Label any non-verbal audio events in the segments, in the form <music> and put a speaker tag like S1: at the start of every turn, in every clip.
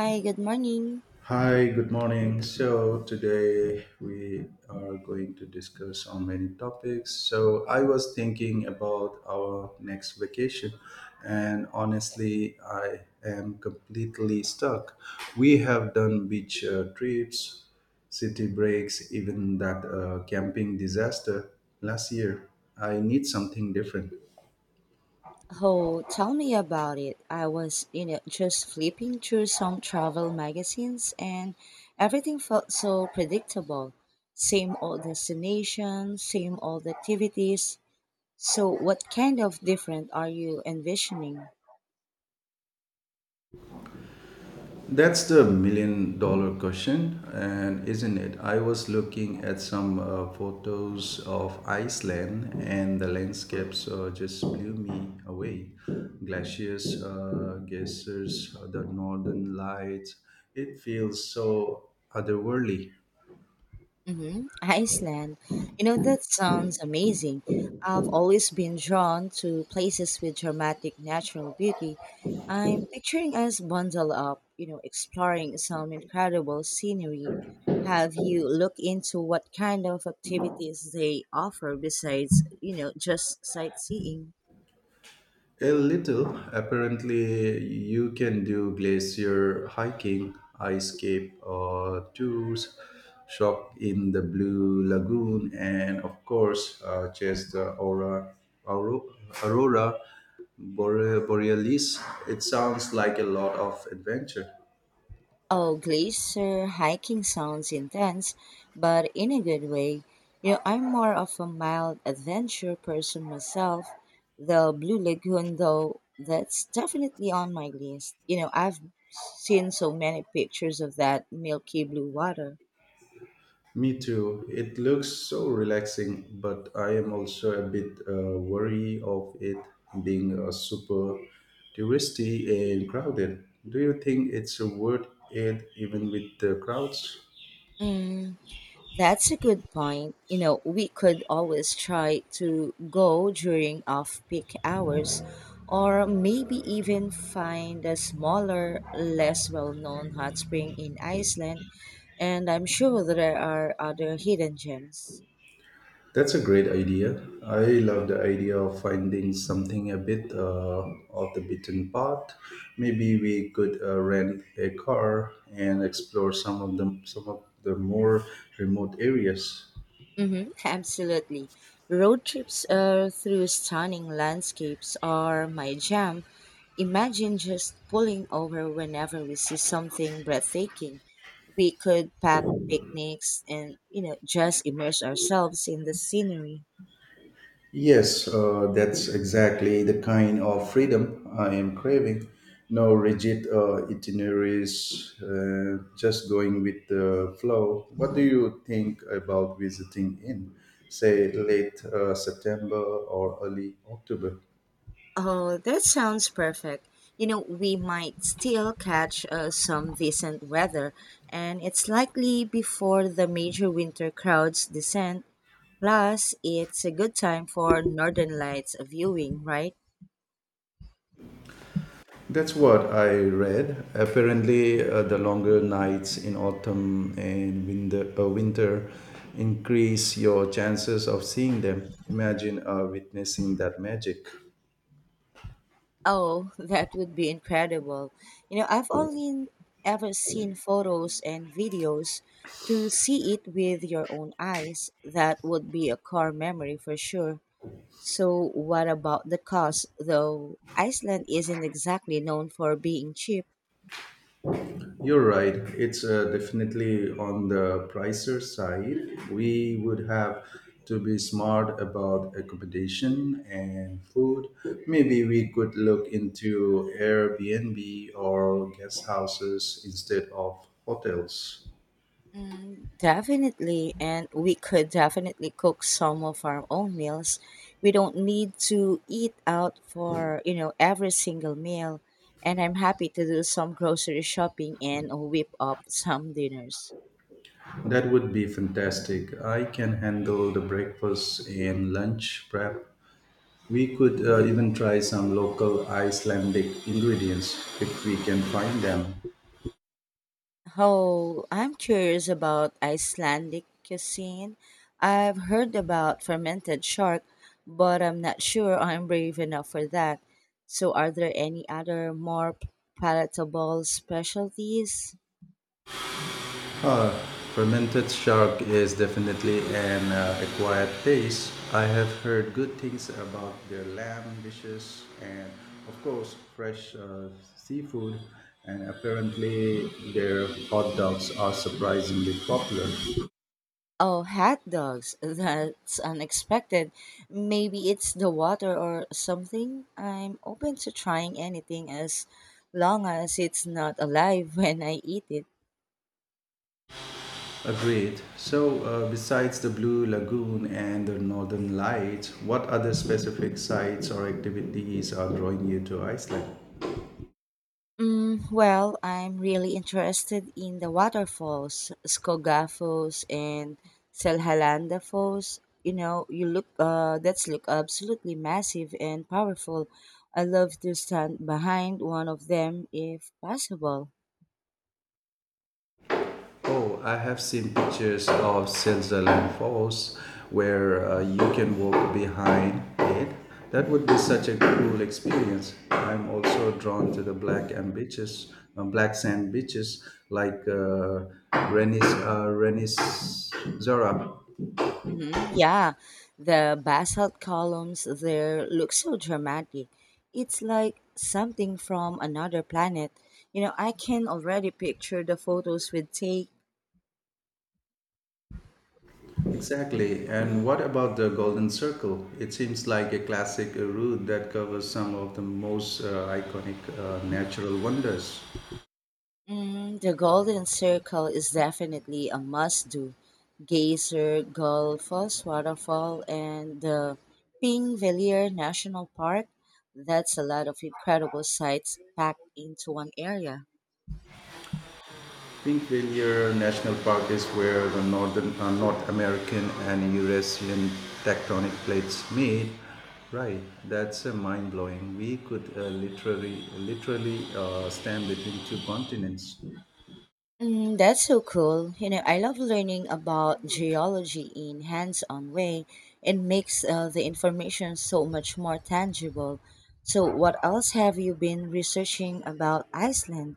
S1: Hi, good morning.
S2: Hi, good morning. So today we are going to discuss on many topics. So I was thinking about our next vacation, and honestly I am completely stuck. We have done beach trips, city breaks, even that camping disaster last year. I need something different.
S1: Oh, tell me about it. I was, you know, just flipping through some travel magazines and everything felt so predictable. Same old destinations, same old activities. So, what kind of different are you envisioning?
S2: That's the million-dollar question, and isn't it? I was looking at some photos of Iceland, and the landscapes just blew me away. Glaciers, geysers, the northern lights. It feels so otherworldly.
S1: Iceland. You know, that sounds amazing. I've always been drawn to places with dramatic natural beauty. I'm picturing us bundled up, you know, exploring some incredible scenery. Have you looked into what kind of activities they offer besides, you know, just sightseeing?
S2: A little. Apparently, you can do glacier hiking, ice cave tours, shop in the Blue Lagoon, and of course, chase the aurora, aurora borealis. It sounds like a lot of adventure.
S1: Oh, glacier hiking sounds intense, but in a good way. You know, I'm more of a mild adventure person myself. The Blue Lagoon, though, that's definitely on my list. You know, I've seen so many pictures of that milky blue water.
S2: Me too. It looks so relaxing, but I am also a bit wary of it being super touristy and crowded. Do you think it's worth it even with the crowds?
S1: Mm, that's a good point. You know, we could always try to go during off peak hours or maybe even find a smaller, less well known hot spring in Iceland. And I'm sure there are other hidden gems.
S2: That's a great idea. I love the idea of finding something a bit off the beaten path. Maybe we could rent a car and explore some of the more remote areas.
S1: Absolutely. Road trips through stunning landscapes are my jam. Imagine just pulling over whenever we see something breathtaking. We could pack picnics and, you know, just immerse ourselves in the scenery.
S2: Yes, that's exactly the kind of freedom I am craving. No rigid itineraries, just going with the flow. What do you think about visiting in, say, late September or early October?
S1: Oh, that sounds perfect. You know, we might still catch some decent weather, and it's likely before the major winter crowds descend. Plus, it's a good time for Northern Lights viewing, right?
S2: That's what I read. Apparently, the longer nights in autumn and winter increase your chances of seeing them. Imagine witnessing that magic.
S1: Oh, <laughs> that would be incredible. You know, I've only ever seen photos and videos. To see it with your own eyes, that would be a core memory for sure. So, what about the cost? Though Iceland isn't exactly known for being cheap.
S2: You're right. It's definitely on the pricer side. We would have to be smart about accommodation and food. Maybe we could look into Airbnb or guest houses instead of hotels.
S1: Mm, definitely, and we could definitely cook some of our own meals. We don't need to eat out for, you know, every single meal. And I'm happy to do some grocery shopping and whip up some dinners.
S2: That would be fantastic. I can handle the breakfast and lunch prep. We could even try some local Icelandic ingredients if we can find them.
S1: Oh, I'm curious about Icelandic cuisine. I've heard about fermented shark, but I'm not sure I'm brave enough for that. So, are there any other more palatable specialties?
S2: Uh, Fermented shark is definitely an acquired taste. I have heard good things about their lamb dishes and, of course, fresh seafood. And apparently, their hot dogs are surprisingly popular.
S1: Oh, hot dogs. <laughs> That's unexpected. Maybe it's the water or something. I'm open to trying anything as long as it's not alive <laughs> when I eat it.
S2: Agreed. So, besides the Blue Lagoon and the Northern Lights, what other specific sites or activities are drawing you to Iceland?
S1: Mm, well, I'm really interested in the waterfalls, Skoga Falls and Selhalanda Falls. You know, you look that's look absolutely massive and powerful. I love to stand behind one of them if possible.
S2: Oh, I have seen pictures of Switzerland Falls where you can walk behind it. That would be such a cool experience. I'm also drawn to the black and beaches, black sand beaches like Renis Zora.
S1: Yeah, the basalt columns there look so dramatic. It's like something from another planet. You know, I can already picture the photos we'd take.
S2: Exactly. And what about the Golden Circle? It seems like a classic route that covers some of the most iconic natural wonders.
S1: Mm, the Golden Circle is definitely a must do. Geyser, Gullfoss Waterfall, and the Pingvelier National Park. That's a lot of incredible sights packed into one area.
S2: Pink Rainier National Park is where the North American and Eurasian tectonic plates meet. Right, that's mind blowing. We could literally stand between two continents.
S1: Mm, that's so cool. You know, I love learning about geology in hands-on way. It makes the information so much more tangible. So, what else have you been researching about Iceland?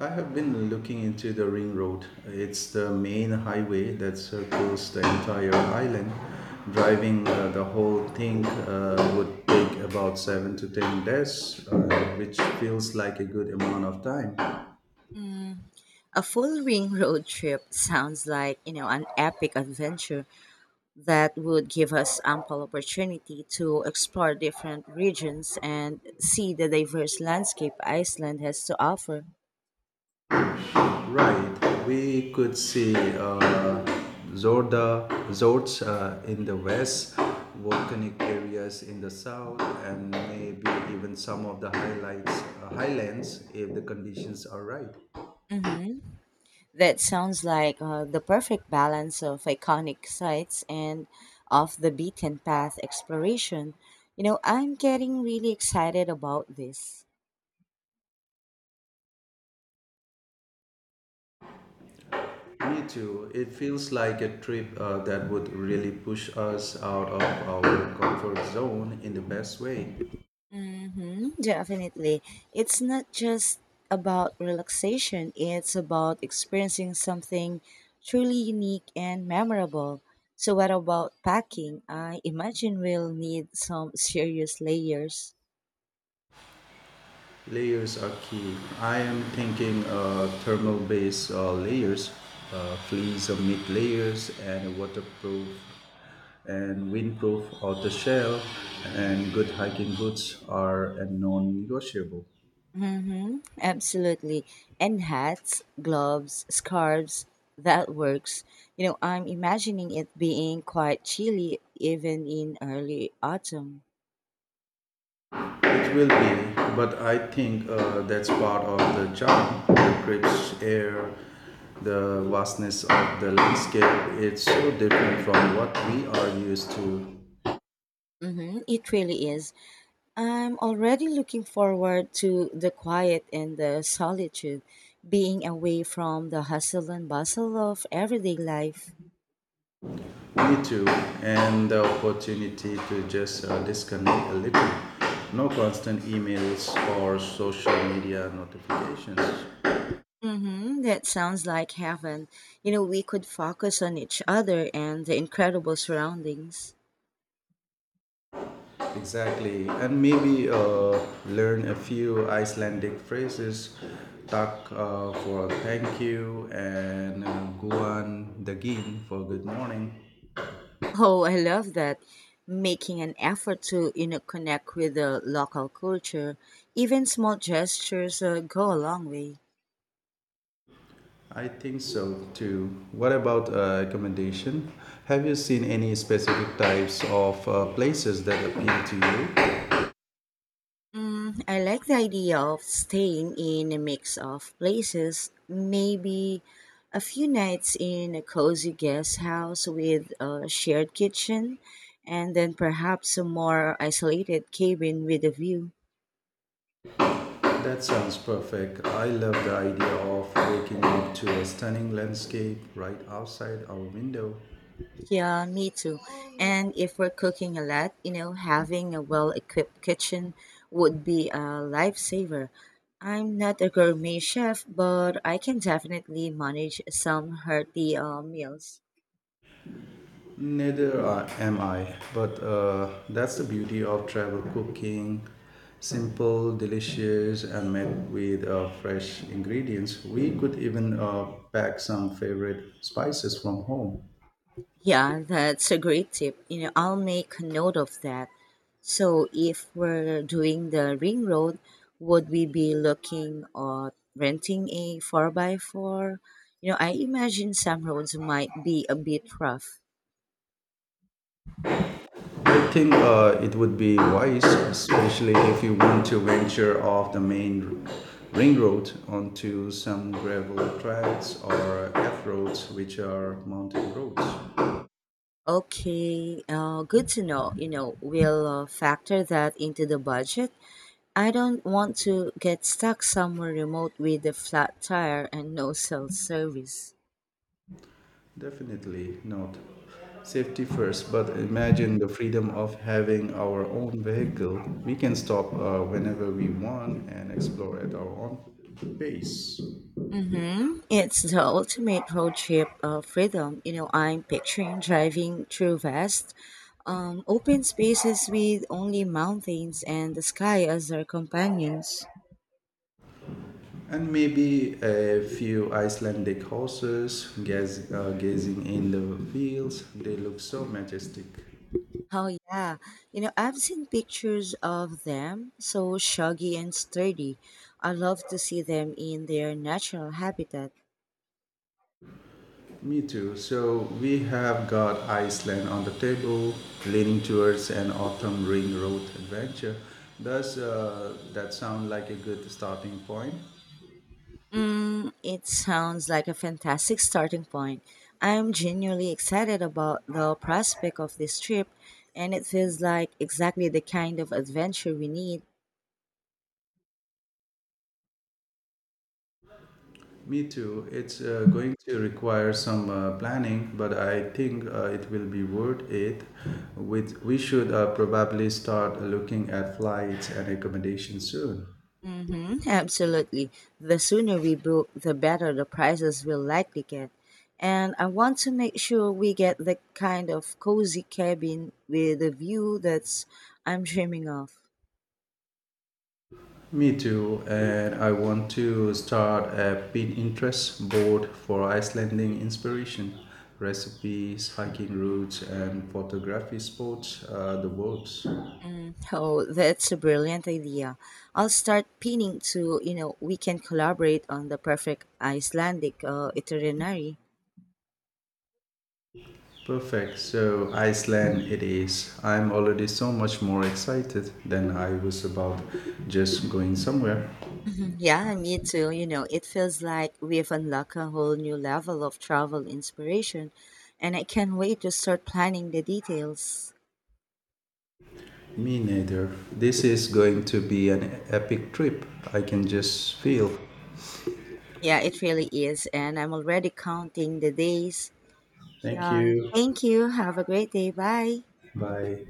S2: I have been looking into the Ring Road. It's the main highway that circles the entire island. Driving the whole thing would take about 7 to 10 days, which feels like a good amount of time.
S1: A full ring <laughs> road trip sounds like, you know, an epic adventure that would give us ample opportunity to explore different regions and see the diverse landscape Iceland has to offer.
S2: Right, we could see Zords in the west, volcanic areas in the south, and maybe even some of the highlands if the conditions are right.
S1: Mhm. That sounds like the perfect balance of iconic sites and off the beaten path exploration. You know, I'm getting really excited about this.
S2: Me too. It feels like a trip that would really push us out of our comfort zone in the best way.
S1: Definitely. It's not just about relaxation, it's about experiencing something truly unique and memorable. So, what about packing? I imagine we'll need some <laughs> serious layers.
S2: Layers are key. I am thinking thermal based layers, fleece or mid layers, and waterproof and windproof outer shell, and good hiking boots are a non negotiable.
S1: Mm-hmm. Absolutely. And hats, gloves, scarves, that works. You know, I'm imagining it being quite chilly even in early autumn.
S2: It will be, but I think that's part of the charm. The crisp air, the vastness of the landscape, it's so different from what we are used to.
S1: Mm-hmm. It really is. I'm already looking forward to the quiet and the solitude, being away from the hustle and bustle of everyday life.
S2: Me too, and the opportunity to just disconnect a little. No constant emails or social media notifications.
S1: Mm-hmm. That sounds like heaven. You know, we could focus on each other and the incredible surroundings.
S2: Exactly, and maybe learn a few Icelandic phrases. Tak for thank you and guan dagin for good morning.
S1: Oh, I love that. Making an effort to, you know, connect with the local culture, even small gestures go a long way.
S2: I think so too. What about accommodation? Have you seen any specific types of places that appeal to you?
S1: Mm, I like the idea of staying in a mix of places, maybe a few nights in a cozy guest house with a shared kitchen, and then perhaps a more isolated cabin with a view.
S2: That sounds perfect. I love the idea of waking up to a stunning landscape right outside our window.
S1: Yeah, me too. And if we're cooking a lot, you know, having a well equipped kitchen would be a lifesaver. I'm not a gourmet chef, but I can definitely manage some hearty meals.
S2: Neither am I, but that's the beauty of travel cooking. Simple, delicious, and made with fresh ingredients. We could even pack some favorite spices from home.
S1: Yeah, that's a great tip. You know, I'll make a note of that. So if we're doing the ring road, would we be looking at renting a 4 by 4? You know, I imagine some roads might be a bit rough.
S2: I think it would be wise, especially if you want to venture off the main ring road onto some gravel tracks or F roads, which are mountain roads.
S1: Okay, good to know. You know, we'll factor that into the budget. I don't want to get stuck somewhere remote with a flat tire and no cell service.
S2: Definitely not. Safety first, but imagine the freedom of having our own vehicle. We can stop whenever we want and explore at our own pace.
S1: Mm-hmm. It's the ultimate road trip freedom. You know, I'm picturing driving through vast, open spaces with only mountains and the sky as our companions.
S2: And maybe a few Icelandic horses gazing in the fields. They look so majestic.
S1: Oh yeah, you know I've seen pictures of them, so shaggy and sturdy. I love to see them in their natural habitat.
S2: Me too. So we have got Iceland on the table, leaning towards an autumn ring road adventure. Does that sound like a good starting point?
S1: Mm, it sounds like a fantastic starting point. I'm genuinely excited about the prospect of this trip, and it feels like exactly the kind of adventure we need.
S2: Me too. It's going to require some planning, but I think it will be worth it. With we should probably start looking at flights and accommodations soon.
S1: Absolutely. The sooner we book, the better the prices will likely get. And I want to make sure we get the kind of cozy cabin with a view that's I'm dreaming of.
S2: Me too, and I want to start a Pinterest board for Icelandic inspiration, recipes, hiking routes, and photography spots. The works.
S1: Oh, that's a brilliant idea. I'll start pinning to, you know, we can collaborate on the perfect Icelandic itinerary.
S2: Perfect. So Iceland it is. I'm already so much more excited than I was about just going somewhere.
S1: Yeah, me too. You know, it feels like we've unlocked a whole new level of travel inspiration, and I can't wait to start planning the details.
S2: Me neither. This is going to be an epic trip. I can just feel.
S1: Yeah, it really is, and I'm already counting the days.
S2: Thank
S1: Yeah,
S2: you.
S1: thank you. Have a great day. Bye.
S2: Bye.